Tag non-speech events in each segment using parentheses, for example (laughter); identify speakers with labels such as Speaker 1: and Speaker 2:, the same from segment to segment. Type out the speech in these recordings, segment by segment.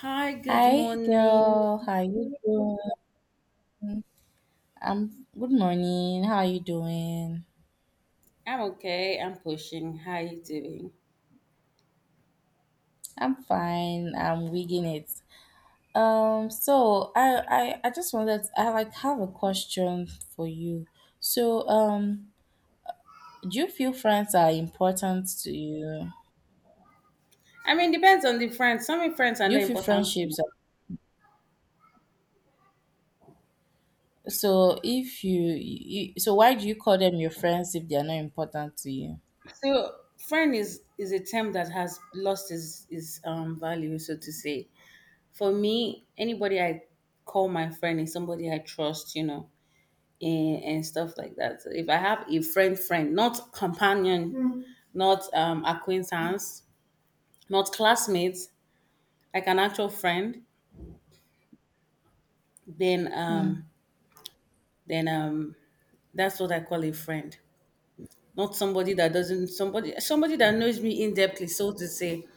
Speaker 1: Hi, good
Speaker 2: Hi
Speaker 1: morning.
Speaker 2: girl, how you doing? I'm good morning. How you doing?
Speaker 1: I'm okay. I'm pushing. How you doing?
Speaker 2: I'm fine. I'm wigging it. So I just wanted I like have a question for you. So do you feel friends are important to you?
Speaker 1: I mean, depends on the friend. Some friends are
Speaker 2: Do you
Speaker 1: not
Speaker 2: feel
Speaker 1: important to me.
Speaker 2: friendships are so if you, you so why do you call them your friends if they are not important to you?
Speaker 1: So, friend is a term that has lost its value, so to say. For me, anybody I call my friend is somebody I trust, you know, and stuff like that. So if I have a friend, friend, not companion, Mm. Not acquaintance, not classmates, like an actual friend, then
Speaker 2: Hmm.
Speaker 1: um then that's what I call a friend. Not somebody that doesn't somebody somebody that knows me in depthly, so to say.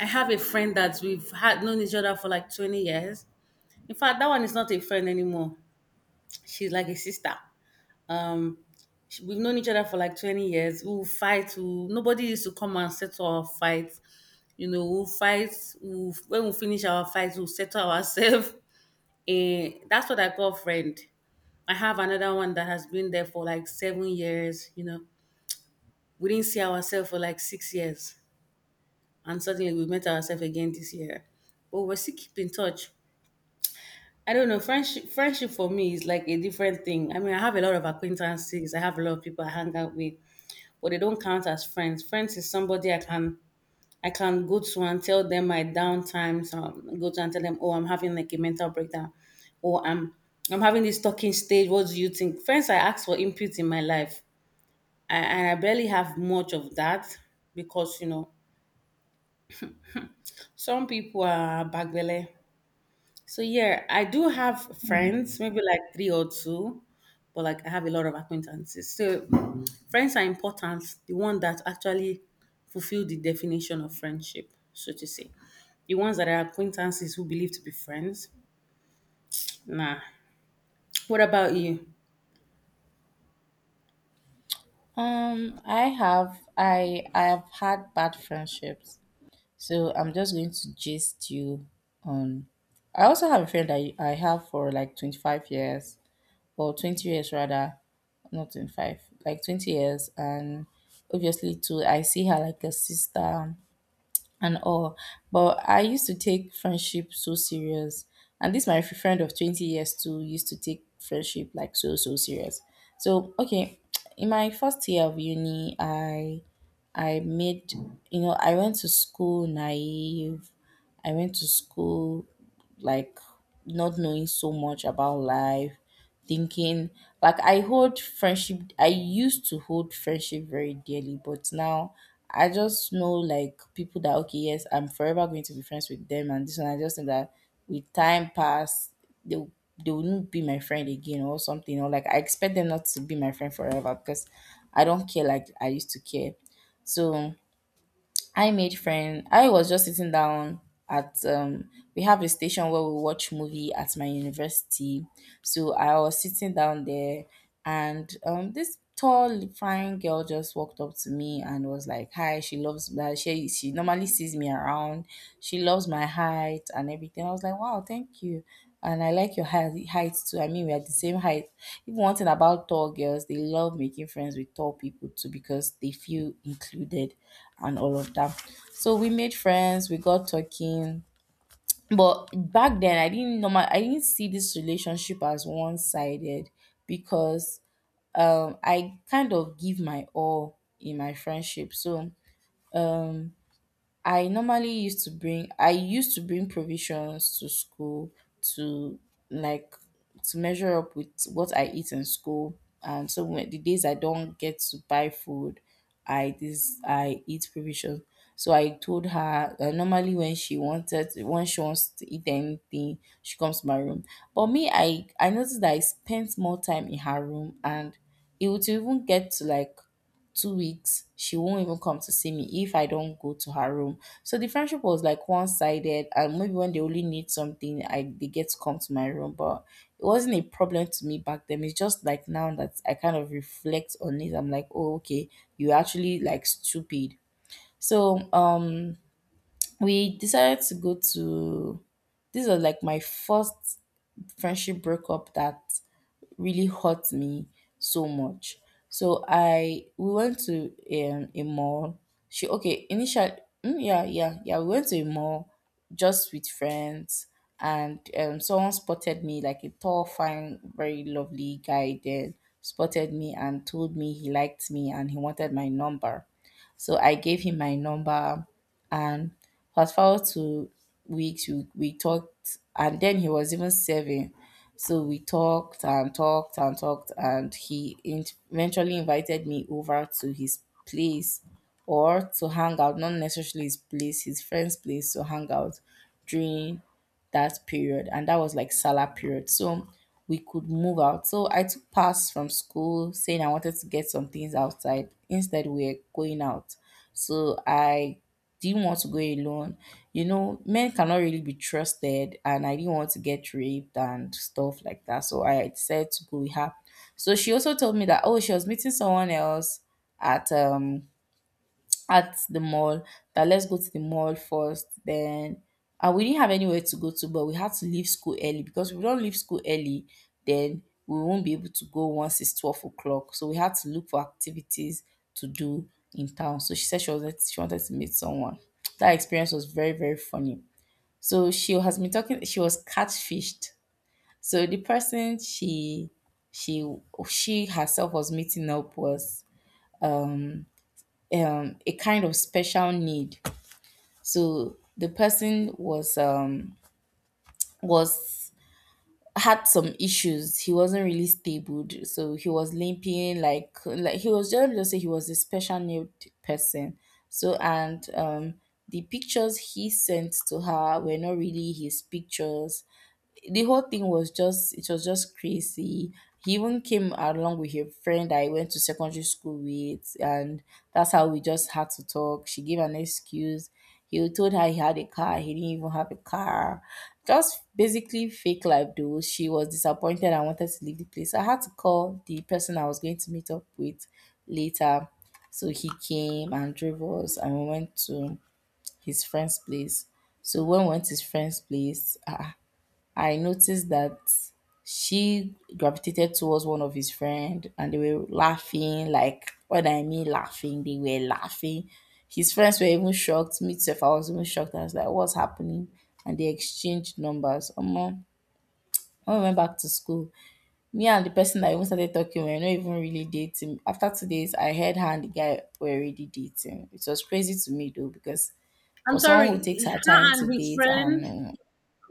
Speaker 1: I have a friend that we've had known each other for like 20 years. In fact, that one is not a friend anymore. She's like a sister. Um, we've known each other for like 20 years. We'll fight. We'll, nobody used to come and settle our fights. You know, we'll fight. We'll, when we finish our fights, we'll settle ourselves. (laughs) And that's what I call friend. I have another one that has been there for like 7 years, you know. We didn't see ourselves for like 6 years, and suddenly we met ourselves again this year. But we still keep in touch. I don't know. Friendship for me is like a different thing. I mean, I have a lot of acquaintances. I have a lot of people I hang out with, but they don't count as friends. Friends is somebody I can go to and tell them my down times. Go to and tell them, oh, I'm having like a mental breakdown, or I'm having this talking stage. What do you think? Friends, I ask for input in my life, and I barely have much of that because, you know, some people are bagbele. So yeah, I do have friends, maybe like three or two, but like I have a lot of acquaintances. So friends are important, the one that actually fulfill the definition of friendship, so to say. The ones that are acquaintances who believe to be friends. Nah. What about you?
Speaker 2: I have had bad friendships. So I'm just going to gist you on. I also have a friend I have for like 25 years, or 20 years rather, not 25, like 20 years. And obviously, too, I see her like a sister and all. But I used to take friendship so serious. And this my friend of 20 years too used to take friendship like so serious. So okay, (tsk) in my first year of uni, I made you know, I went to school naive. I went to school like not knowing so much about life, thinking like I used to hold friendship very dearly, but now I just know like people that, okay, yes, I'm forever going to be friends with them, and this one I just think that with time pass they will- they wouldn't be my friend again or something, or like I expect them not to be my friend forever because I don't care like I used to care. So I made friend. I was just sitting down at we have a station where we watch movie at my university. So I was sitting down there and this tall fine girl just walked up to me and was like, "Hi, she loves that she normally sees me around. She loves my height and everything." I was like, "Wow, thank you. And I like your height too. I mean, we are the same height." Even one thing about tall girls, they love making friends with tall people too because they feel included and all of that. So we made friends, we got talking. But back then, I didn't see this relationship as one sided because I kind of give my all in my friendship. So I used to bring provisions to school to like to measure up with what I eat in school. And so when the days I don't get to buy food, I eat provisions. So I told her that normally when she wants to eat anything, she comes to my room. But me, I noticed that I spent more time in her room, and it would even get to like 2 weeks she won't even come to see me if I don't go to her room. So the friendship was like one-sided, and maybe when they only need something I they get to come to my room, but it wasn't a problem to me back then. It's just like now that I kind of reflect on it, I'm like, oh, okay, you're actually like stupid. So we decided to go to this was like my first friendship breakup that really hurt me so much. So I we went to a mall. She okay initially mm, yeah yeah yeah we went to a mall just with friends, and someone spotted me, like a tall fine very lovely guy then spotted me and told me he liked me and he wanted my number. So I gave him my number and fast forward to weeks we talked, and then he was even serving, so we talked and talked and talked, and eventually invited me over to his place, or to hang out, not necessarily his place, his friend's place, to hang out during that period. And that was like salah period, so we could move out. So I took pass from school saying I wanted to get some things outside, instead we we're going out. So I Do you want to go alone? You know, men cannot really be trusted, and I didn't want to get raped and stuff like that. So I decided to go with her. So she also told me that, oh, she was meeting someone else at um at the mall, that let's go to the mall first then, and we didn't have anywhere to go to, but we had to leave school early because if we don't leave school early then we won't be able to go once it's 12 o'clock. So we had to look for activities to do in town. So she said she wanted to meet someone. That experience was very very funny. So she has been talking, she was catfished. So the person she she herself was meeting up was a kind of special need. So the person was had some issues. He wasn't really stable, so he was limping. Like he was just say he was a special needed person. And the pictures he sent to her were not really his pictures. The whole thing was just it was just crazy. He even came along with a friend I went to secondary school with, and that's how we just had to talk. She gave an excuse. He told her he had a car. He didn't even have a car. Just basically fake life, though. She was disappointed and wanted to leave the place. I had to call the person I was going to meet up with later. So he came and drove us, and we went to his friend's place. So when we went to his friend's place, I noticed that she gravitated towards one of his friend and they were laughing. Like what I mean laughing, they were laughing. His friends were even shocked. Me too, I was even shocked. I was like, "What's happening?" And they exchanged numbers. Omo, when we went back to school, me and the person that even started talking were not even really dating. After 2 days, I heard her and the guy were already dating. It was crazy to me though, because
Speaker 1: I'm
Speaker 2: for someone
Speaker 1: sorry,
Speaker 2: who takes her time
Speaker 1: her
Speaker 2: to
Speaker 1: and his
Speaker 2: date
Speaker 1: friend.
Speaker 2: and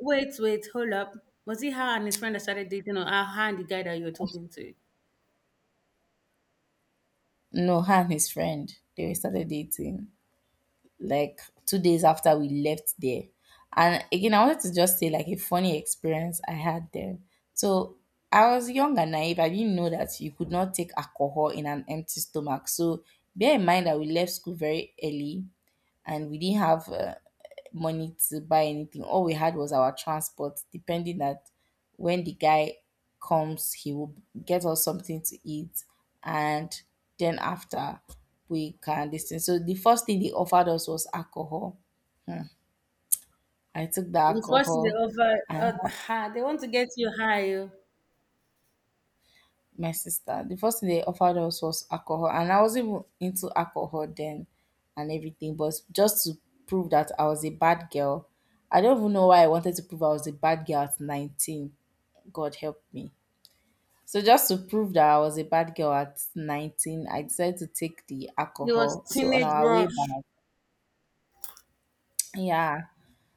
Speaker 1: Wait, hold up. Was it her and his friend that started dating or her and the guy that you were talking to?
Speaker 2: No, her and his friend. They started dating like 2 days after we left there. And again, I wanted to just say like a funny experience I had there. So I was young and naive. I didn't know that you could not take alcohol in an empty stomach. So bear in mind that we left school very early, and we didn't have money to buy anything. All we had was our transport, depending that when the guy comes, he will get us something to eat, and then after we can listen. So the first thing they offered us was alcohol. I took the
Speaker 1: The first is
Speaker 2: alcohol,
Speaker 1: the
Speaker 2: and
Speaker 1: over. Ha, they want to get you high. Oh.
Speaker 2: my sister, the first thing they offered us was alcohol, and I wasn't even into alcohol then and everything, but just to prove that I was a bad girl. I don't even know why I wanted to prove I was a bad girl at 19. God help me. So just to prove that I was a bad girl at 19, I decided to take the
Speaker 1: It was
Speaker 2: alcohol. So on
Speaker 1: teenage
Speaker 2: our way
Speaker 1: rush.
Speaker 2: back, yeah.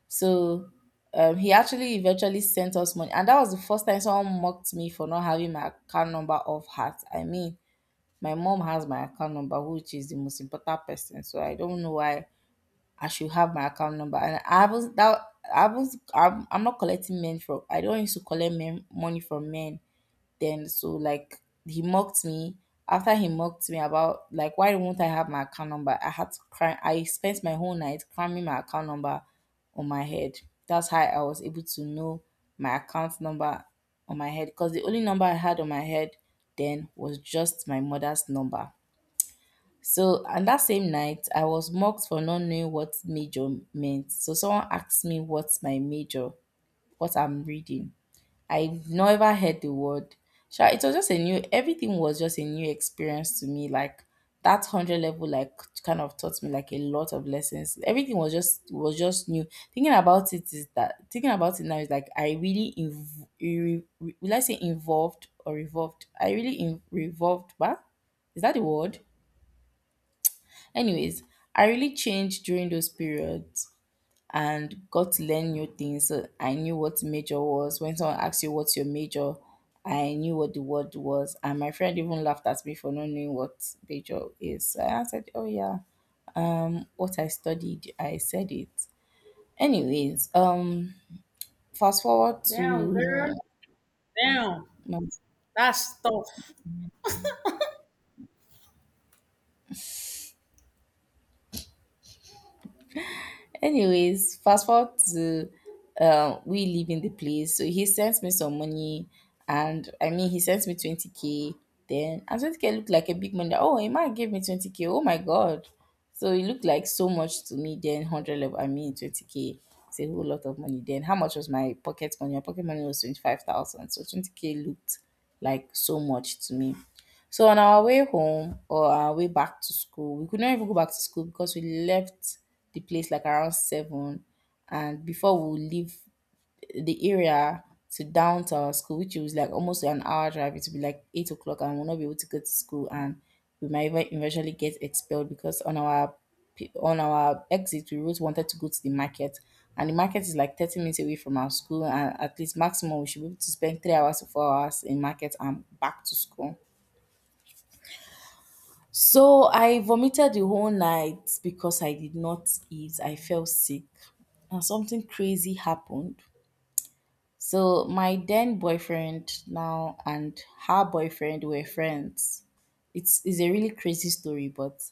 Speaker 2: So he actually eventually sent us money, and that was the first time someone mocked me for not having my account number off heart. I mean, my mom has my account number, which is the most important person, so I don't know why I should have my account number. And I was that I was I'm not collecting men from I don't used to collect men money from men then. So like, he mocked me. After he mocked me about, like, why won't I have my account number? I had to cry I spent my whole night cramming my account number on my head. That's how I was able to know my account number on my head, because the only number I had on my head then was just my mother's number. So, and that same night, I was mocked for not knowing what major meant. So, someone asked me what's my major, what I'm reading. I never heard the word. Sha, It was just a new, everything was just a new experience to me. Like that 100 level, like, kind of taught me like a lot of lessons. Everything was just new. Thinking about it now is like I really will I say involved or revolved? I really revolved, but is that the word? Anyways, I really changed during those periods and got to learn new things. So I knew what major was. When someone asks you what's your major, I knew what the word was. And my friend even laughed at me for not knowing what major is. So I answered, "Oh yeah, what I studied," I said it. Anyways, fast forward
Speaker 1: Damn, girl.
Speaker 2: to
Speaker 1: Damn.
Speaker 2: my
Speaker 1: That's tough.
Speaker 2: anyways, fast forward to we leaving the place. So he sent me some money, and I mean he sent me 20K then, and 20K looked like a big money. Oh, a man gave me 20K. Oh my god. So it looked like so much to me then, hundred level, I mean 20K. It's a whole lot of money then. How much was my pocket money? My pocket money was 25,000. So 20 k looked like so much to me. So on our way home, or our way back to school, we could not even go back to school because we left the place like around 7, and before we would leave the area to down to our school, which was like almost an hour drive, it would be like 8 o'clock, and we'll not be able to go to school, and we might even eventually get expelled because on our on our exit, we always wanted to go to the market, and the market is like 30 minutes away from our school, and at least maximum we should be able to spend 3 hours to 4 hours in market and back to school. So I vomited the whole night because I did not eat. I felt sick, and something crazy happened. So my then boyfriend now and her boyfriend were friends. It's a really crazy story, but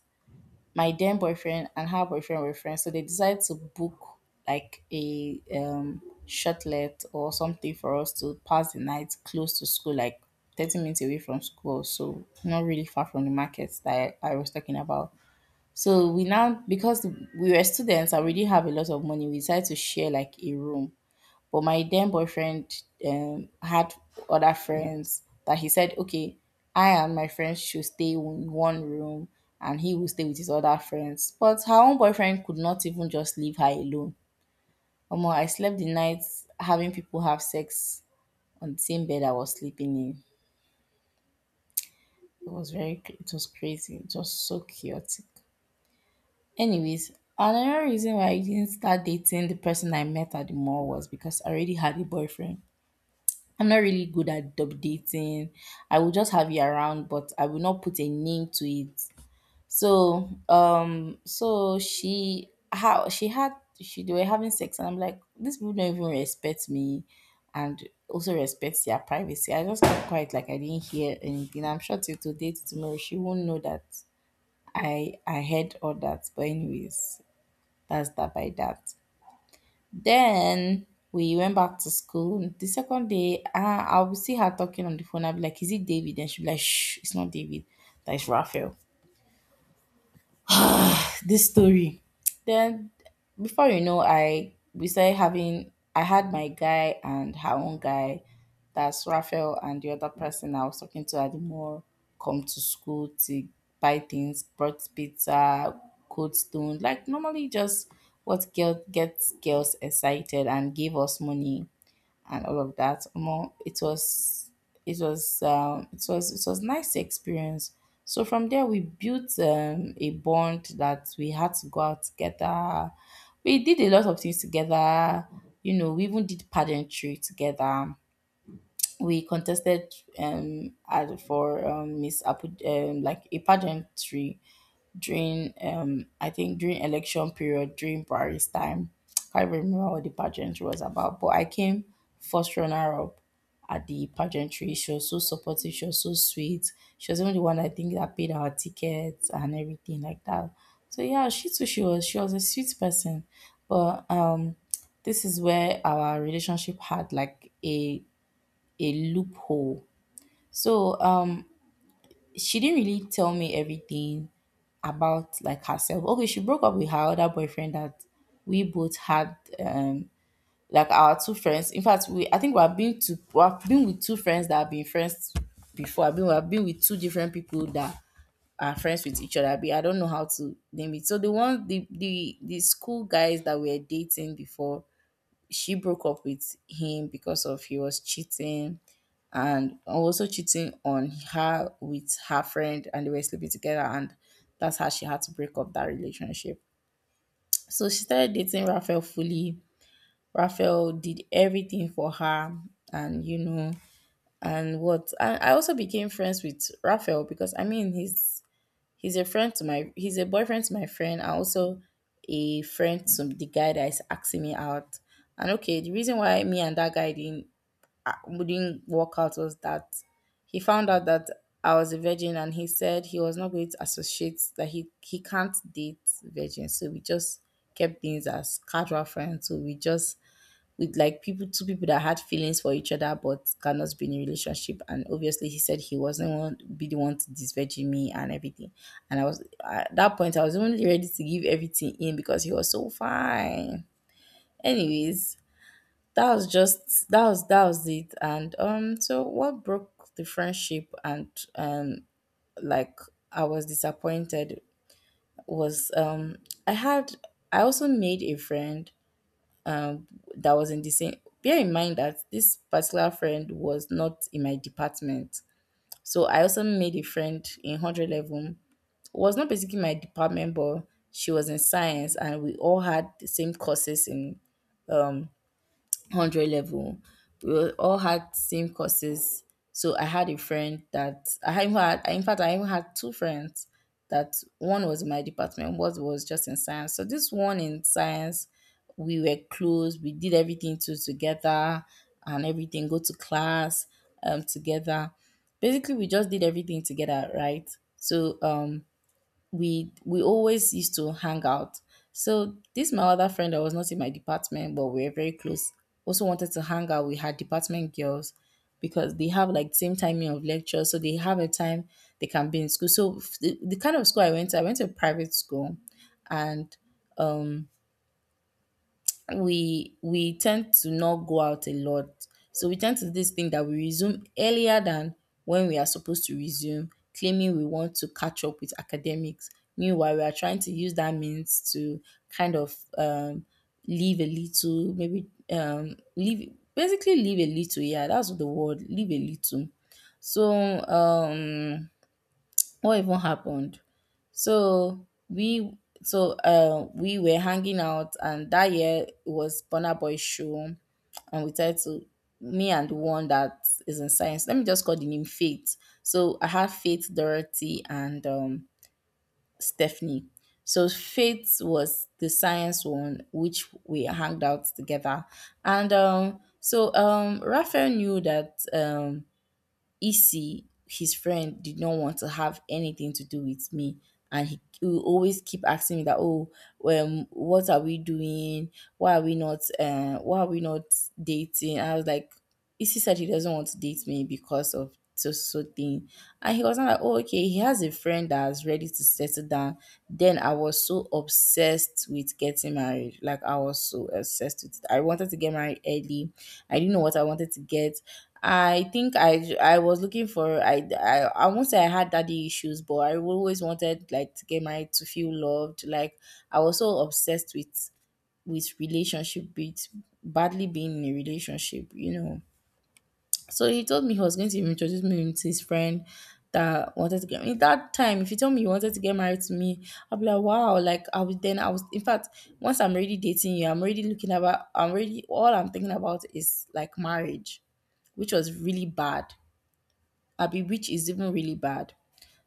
Speaker 2: my then boyfriend and her boyfriend were friends. So they decided to book like a shutlet or something for us to pass the night close to school, like 30 minutes away from school, so not really far from the markets that I was talking about. So we now, because we were students, I we didn't have a lot of money, we decided to share like a room. But my then boyfriend had other friends, that he said, "Okay, I and my friends should stay in one room, and he will stay with his other friends." But her own boyfriend could not even just leave her alone. Omo, I slept the night having people have sex on the same bed I was sleeping in. It was very, cra- it was crazy, just so chaotic. Anyways, another reason why I didn't start dating the person I met at the mall was because I already had a boyfriend. I'm not really good at dub dating. I will just have you around, but I will not put a name to it. So, so she how she had she they were having sex, and I'm like, these people don't even respect me, and also respect their privacy. I just kept quiet, like I didn't hear anything. I'm sure till today, till tomorrow, she won't know that I heard all that. But anyways. That's that by that. Then we went back to school. The second day, I will see her talking on the phone. I'll be like, "Is it David?" And she'll be like, "Shh, it's not David. That is Raphael." This story. Then, before you know, I we started having I had my guy and her own guy, that's Raphael and the other person I was talking to at the mall, come to school to buy things, brought pizza, cold stone, like normally just what girl gets girls excited, and gave us money and all of that. Omo, it was nice experience. So from there we built a bond that we had to go out together. We did a lot of things together. You know, we even did pageantry together. We contested for Miss Apu, like a pageantry during I think during election period, during Paris time. (tsk) Can't even remember what the pageantry was about, but I came first runner up at the pageantry. She was so supportive, she was so sweet. She was even the one, I think, that paid our tickets and everything like that. So yeah, she too, she was a sweet person. But this is where our relationship had like a loophole. So she didn't really tell me everything about like herself. Okay, she broke up with her other boyfriend that we both had, like our two friends. In fact, we I think we have been to we have been with two friends that have been friends before. I've been we have been with two different people that are friends with each other. But I don't know how to name it. So the one the school guys that we were dating before, she broke up with him because of he was cheating, and also cheating on her with her friend, and they were sleeping together, and that's how she had to break up that relationship. So she started dating Raphael fully. Raphael did everything for her, and you know and what and I also became friends with Raphael, because I mean he's a friend to my he's a boyfriend to my friend, and also a friend to the guy that is asking me out. And okay, the reason why me and that guy didn't wouldn't work out was that he found out that I was a virgin, and he said he was not going to associate, that he can't date virgins. So we just kept things as casual friends. So we just, with like people two people that had feelings for each other but cannot be in a relationship, and obviously he said he wasn't one, be the one to disvirgin me and everything, and I was at that point I was only ready to give everything in because he was so fine. Anyways, that was just, that was it. And so what broke the friendship and, um like, I was disappointed was, i had I also made a friend that was in the same, bear in mind that this particular friend was not in my department, so I also made a friend in 100 level, was not basically my department, but she was in science, and we all had the same courses in, um, 100 level. We all had same courses. So I had a friend that I had, even had in fact I even had two friends, that one was in my department, one was just in science. So this one in science, we were close, we did everything to together, and everything, go to class together, basically we just did everything together, right? So we always used to hang out. So this my other friend that was not in my department, but we were very close, also wanted to hang out with her department girls, because they have like same timing of lectures, so they have a time they can be in school. So the kind of school, I went to a private school, and um, we tend to not go out a lot. So we tend to do this thing that we resume earlier than when we are supposed to resume, claiming we want to catch up with academics. Meanwhile, we are trying to use that means to kind of, leave a little, maybe, leave, basically leave a little. Yeah, that's the word, leave a little. So, um, what even happened? So we were hanging out, and that year it was Burna Boy show, and we tried to me and the one that is in science, let me just call the name Faith. So I had Faith, Dorothy, and Stephanie. So Faith was the science one, which we hanged out together, and so Raphael knew that, Issy, his friend, did not want to have anything to do with me. And he will always keep asking me that, "Oh, what are we doing? Why are we not dating?" I was like, "Issy said he doesn't want to date me because of so so thing." And he was not like, "Oh, okay, he has a friend that's ready to settle down." Then I was so obsessed with getting married. Like, I was so obsessed with it. I wanted to get married early. I didn't know what I wanted to get. I think I was looking for I won't say I had daddy issues, but I always wanted like to get married to feel loved. Like, I was so obsessed with relationship, with badly being in a relationship. So he told me he was going to introduce me to his friend that wanted to get married. That time, if you told me you wanted to get married to me, I'll be like, wow, like I was then I was in fact, once I'm already dating you, I'm already looking about I'm already all I'm thinking about is like marriage, which was really bad. Abi, which is even really bad.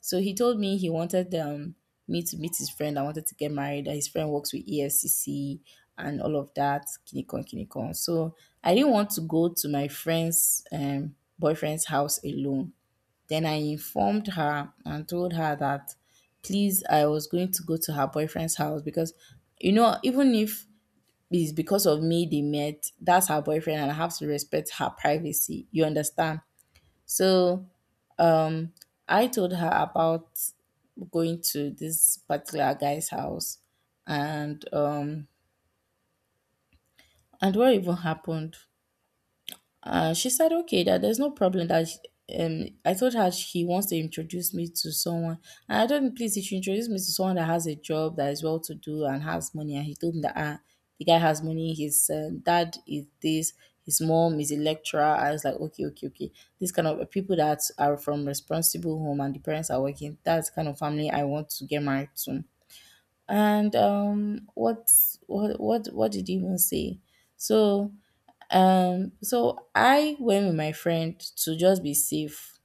Speaker 2: So he told me he wanted me to meet his friend. I wanted to get married. That his friend works with EFCC and all of that. Kinikon, kinikon. So I didn't want to go to my friend's boyfriend's house alone. Then I informed her and told her that please, I was going to go to her boyfriend's house because, you know, even if it's because of me they met, that's her boyfriend and I have to respect her privacy. You understand? So I told her about going to this particular guy's house and and what even happened. She said, okay, that there's no problem I told her he wants to introduce me to someone. And I told him, please, if you introduce me to someone that has a job, that is well to do, and has money. And he told me that ah, the guy has money, his dad is this, his mom is a lecturer. I was like, okay, okay, okay. This kind of people that are from responsible home and the parents are working, that's the kind of family I want to get married to. And what did he even say? So so I went with my friend to just be safe.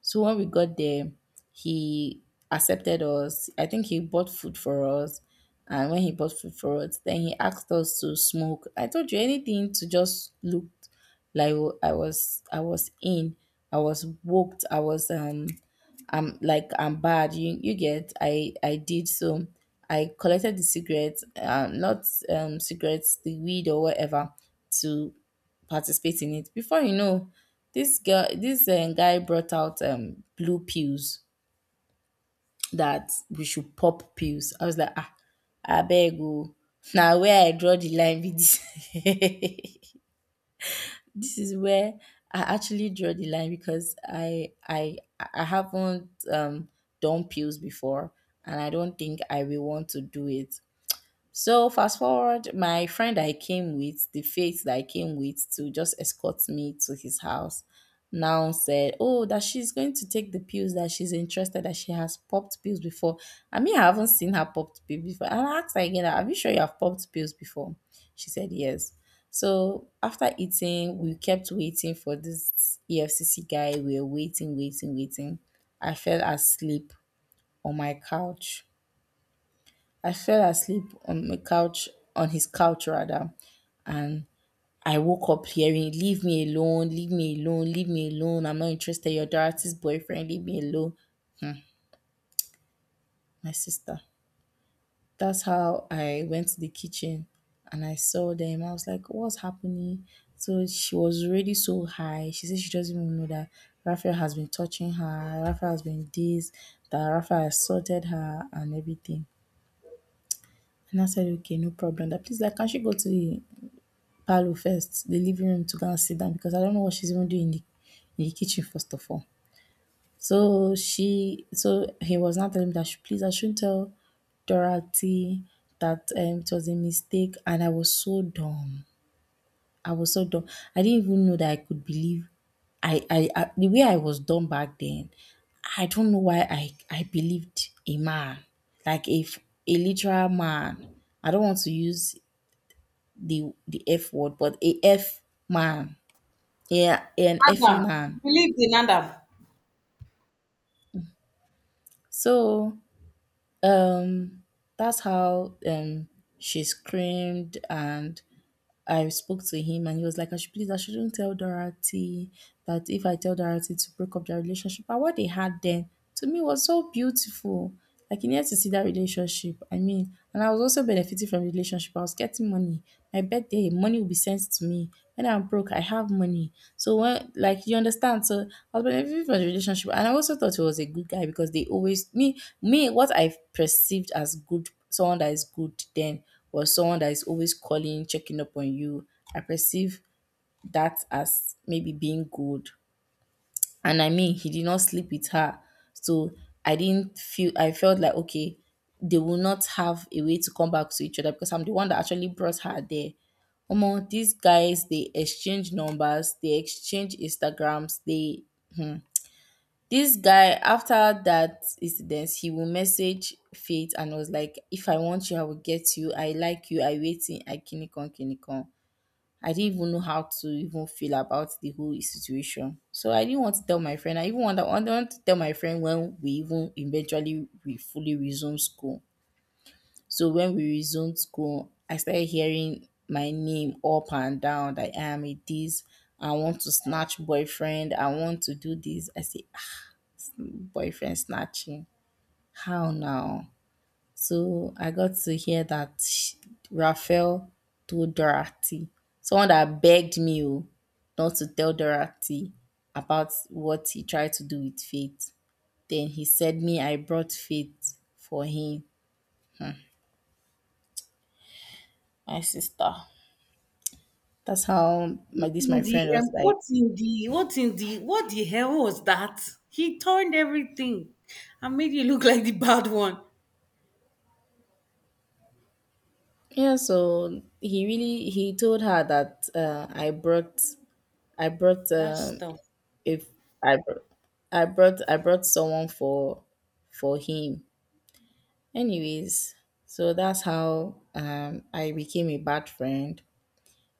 Speaker 2: So when we got there, he accepted us. I think he bought food for us. And when he bought food for us, then he asked us to smoke. I told you anything to just look like I was in. I was woked. I was I'm like I'm bad. You get I did so. I collected the cigarettes, not cigarettes, the weed or whatever, to participate in it. Before you know, this guy brought out blue pills that we should pop pills. I was like, ah, I beg you. (laughs) Now where I draw the line with this. (laughs) This is where I actually draw the line because I haven't done pills before, and I don't think I will want to do it. So fast forward, my friend I came with, the faith that I came with to just escort me to his house, now said, oh, that she's going to take the pills that she's interested, that she has popped pills before. I mean, I haven't seen her popped pills before. And I asked her again, are you sure you have popped pills before? She said yes. So after eating, we kept waiting for this EFCC guy. We were waiting, waiting, waiting. I fell asleep on my couch. I fell asleep on my couch, on his couch rather, and I woke up hearing, leave me alone, leave me alone, leave me alone. I'm not interested. You're Dorothy's boyfriend, leave me alone. My sister. That's how I went to the kitchen and I saw them. I was like, what's happening? So she was already so high. She said she doesn't even know that Raphael has been touching her, Raphael has been this, that Raphael assaulted her and everything. And I said, okay, no problem. That please like can she go to the Palu first, the living room to go and sit down because I don't know what she's even doing in the kitchen, first of all. So so he was now telling me that she, please, I shouldn't tell Dorothy that it was a mistake. And I was so dumb. I was so dumb. I didn't even know that I could believe. I The way I was dumb back then, I don't know why I believed a man, like a, a literal man. I don't want to use the F word, but a F man. Yeah, an Effie
Speaker 1: Adam. You
Speaker 2: man.
Speaker 1: believed in Adam.
Speaker 2: So um, that's how she screamed, and I spoke to him, and he was like, "I should please, I shouldn't tell Dorothy that if I tell Dorothy to break up their relationship." But what they had then to me was so beautiful. Like you needed to see that relationship. I mean, and I was also benefiting from the relationship. I was getting money. My birthday, money will be sent to me. When I'm broke, I have money. So when like you understand, so I was benefiting from the relationship, and I also thought he was a good guy because they always me me what I perceived as good someone that is good then was someone that is always calling, checking up on you. I perceive that as maybe being good and I mean he did not sleep with her. So I didn't feel I felt like okay, they will not have a way to come back to each other because I'm the one that actually brought her there. Omo, these guys they exchange numbers, they exchange Instagrams, they this guy after that incident he will message Faith and was like, if I want you, I will get you. I like you, I waiting, I kinikon kinikon. I didn't even know how to even feel about the whole situation. So I didn't want to tell my friend. I even want to tell my friend when we even eventually we fully resume school. So when we resumed school, I started hearing my name up and down that I am a this, I want to snatch boyfriend, I want to do this. I say, "Ah, boyfriend snatching. How now? So I got to hear that Raphael told Dorothy, someone that begged me oh, not to tell Dorothy about what he tried to do with Faith. Then he said me I brought Faith for him, my sister. That's how
Speaker 1: What
Speaker 2: my this
Speaker 1: in
Speaker 2: my
Speaker 1: the
Speaker 2: friend was like.
Speaker 1: what in the what in the What the hell was that? He turned everything and made you look like the bad one.
Speaker 2: Yeah, so he really he told her that I brought
Speaker 1: That's tough.
Speaker 2: if I brought I brought someone for him, anyways, so that's how I became a bad friend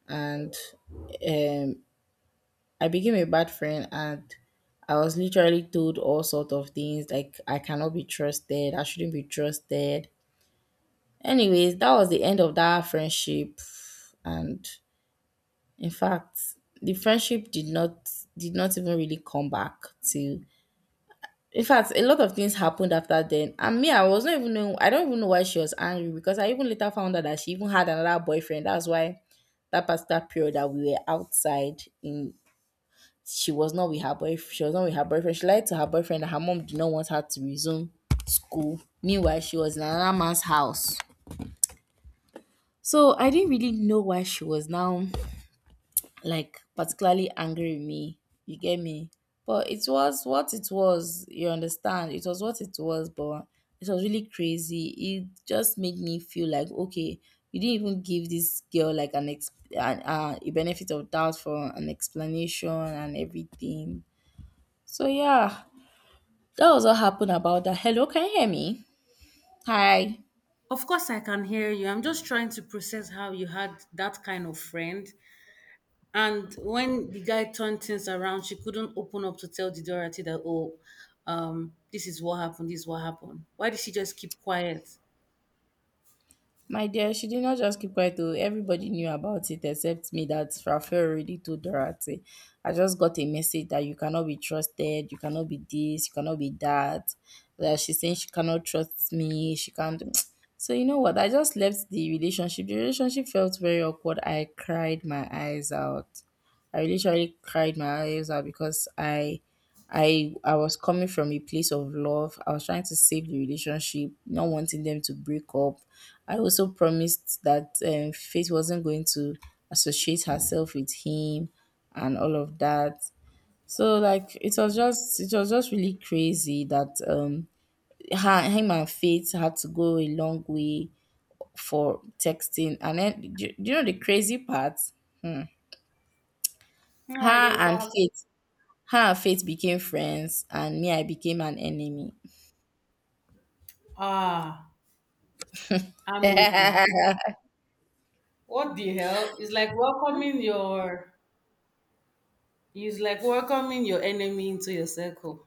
Speaker 2: and um I became a bad friend and I was literally told all sort of things like I cannot be trusted, I shouldn't be trusted. Anyways, that was the end of that friendship and in fact the friendship did not even really come back till. In fact, a lot of things happened after then. And me, I was not even know I don't even know why she was angry because I even later found out that she even had another boyfriend. That's why that particular period that we were outside in she was not with her boyfriend. She was not with her boyfriend. She lied to her boyfriend that her mom did not want her to resume school. Meanwhile, she was in another man's house. So I didn't really know why she was now like particularly angry with me. You get me? But it was what it was. You understand? It was what it was, but it was really crazy. It just made me feel like okay, you didn't even give this girl like a benefit of doubt for an explanation and everything. So yeah, that was what happened about that. Hello, can you hear me? Hi.
Speaker 1: Of course I can hear you. I'm just trying to process how you had that kind of friend. And when the guy turned things around, she couldn't open up to tell the Dorothy that, oh, this is what happened, this is what happened. Why did she just keep quiet?
Speaker 2: My dear, she did not just keep quiet though. Everybody knew about it except me that Rafael already told Dorothy. I just got a message that you cannot be trusted, you cannot be this, you cannot be that. That she's saying she cannot trust me, she can't (tsk) so you know what? I just left the relationship. The relationship felt very awkward. I cried my eyes out. I literally cried my eyes out because I was coming from a place of love. I was trying to save the relationship, not wanting them to break up. I also promised that Faith wasn't going to associate herself with him and all of that. So like it was just really crazy that her, him and Faith had to go a long way for texting and then do you know the crazy part?
Speaker 1: No, I
Speaker 2: Her
Speaker 1: don't what
Speaker 2: and
Speaker 1: happened.
Speaker 2: Faith Her and Faith became friends, and me, I became an enemy.
Speaker 1: Ah,
Speaker 2: (laughs)
Speaker 1: amazing.
Speaker 2: Yeah,
Speaker 1: What the hell? It's like welcoming your enemy into your circle.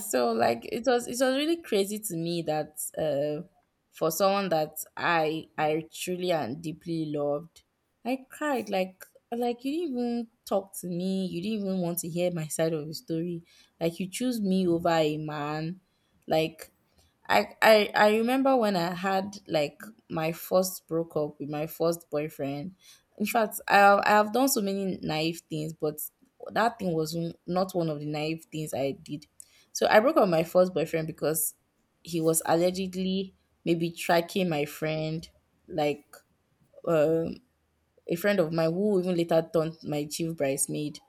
Speaker 2: so like it was really crazy to me that for someone that I truly and deeply loved, I cried like you didn't even talk to me. You didn't even want to hear my side of the story. Like you choose me over a man. Like I remember when I had like my first broke up with my first boyfriend. In fact, I have done so many naive things, but that thing was not one of the naive things I did. So I broke up with my first boyfriend because he was allegedly maybe tracking my friend, like um, a friend of mine who even later turned my chief bridesmaid.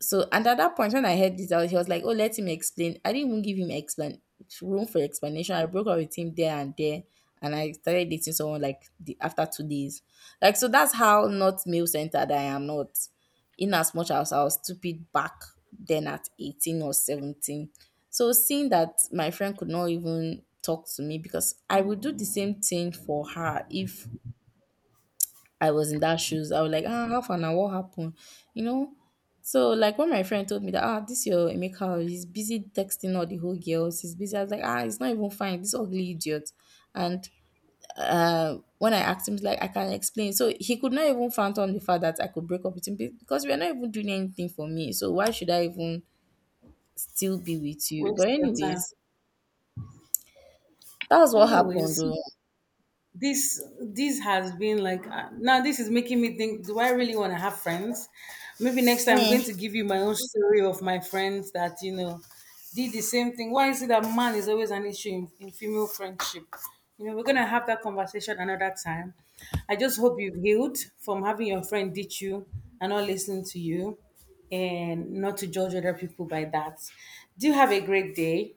Speaker 2: So, and at that point, when I heard this out, he was like, "Oh, let him explain." I didn't even give him explain room for explanation. I broke up with him there and there, and I started dating someone like the, after 2 days. Like, so that's how not male centered I am. Not in as much as I was stupid back then at 18 or 17. So seeing that my friend could not even talk to me because I would do the same thing for her if I was in that shoes. I was like, ah, half an hour, what happened? You know? So like when my friend told me that ah, this your Emeka, he's busy texting all the whole girls, he's busy. I was like, ah, it's not even fine, this ugly idiot. And when I asked him, he's like, I can explain. So he could not even fathom the fact that I could break up with him because we are not even doing anything for me. So why should I even still be with you? But
Speaker 1: Waste your time.
Speaker 2: anyways, that's what happened.
Speaker 1: Anyways,
Speaker 2: Though.
Speaker 1: this has been like, now this is making me think, do I really want to have friends? Maybe next time I'm going to give you my own story of my friends that, you know, did the same thing. Why is it that man is always an issue in female friendship? You know, we're going to have that conversation another time. I just hope you've healed from having your friend ditch you and not listening to you, and not to judge other people by that. Do have a great day.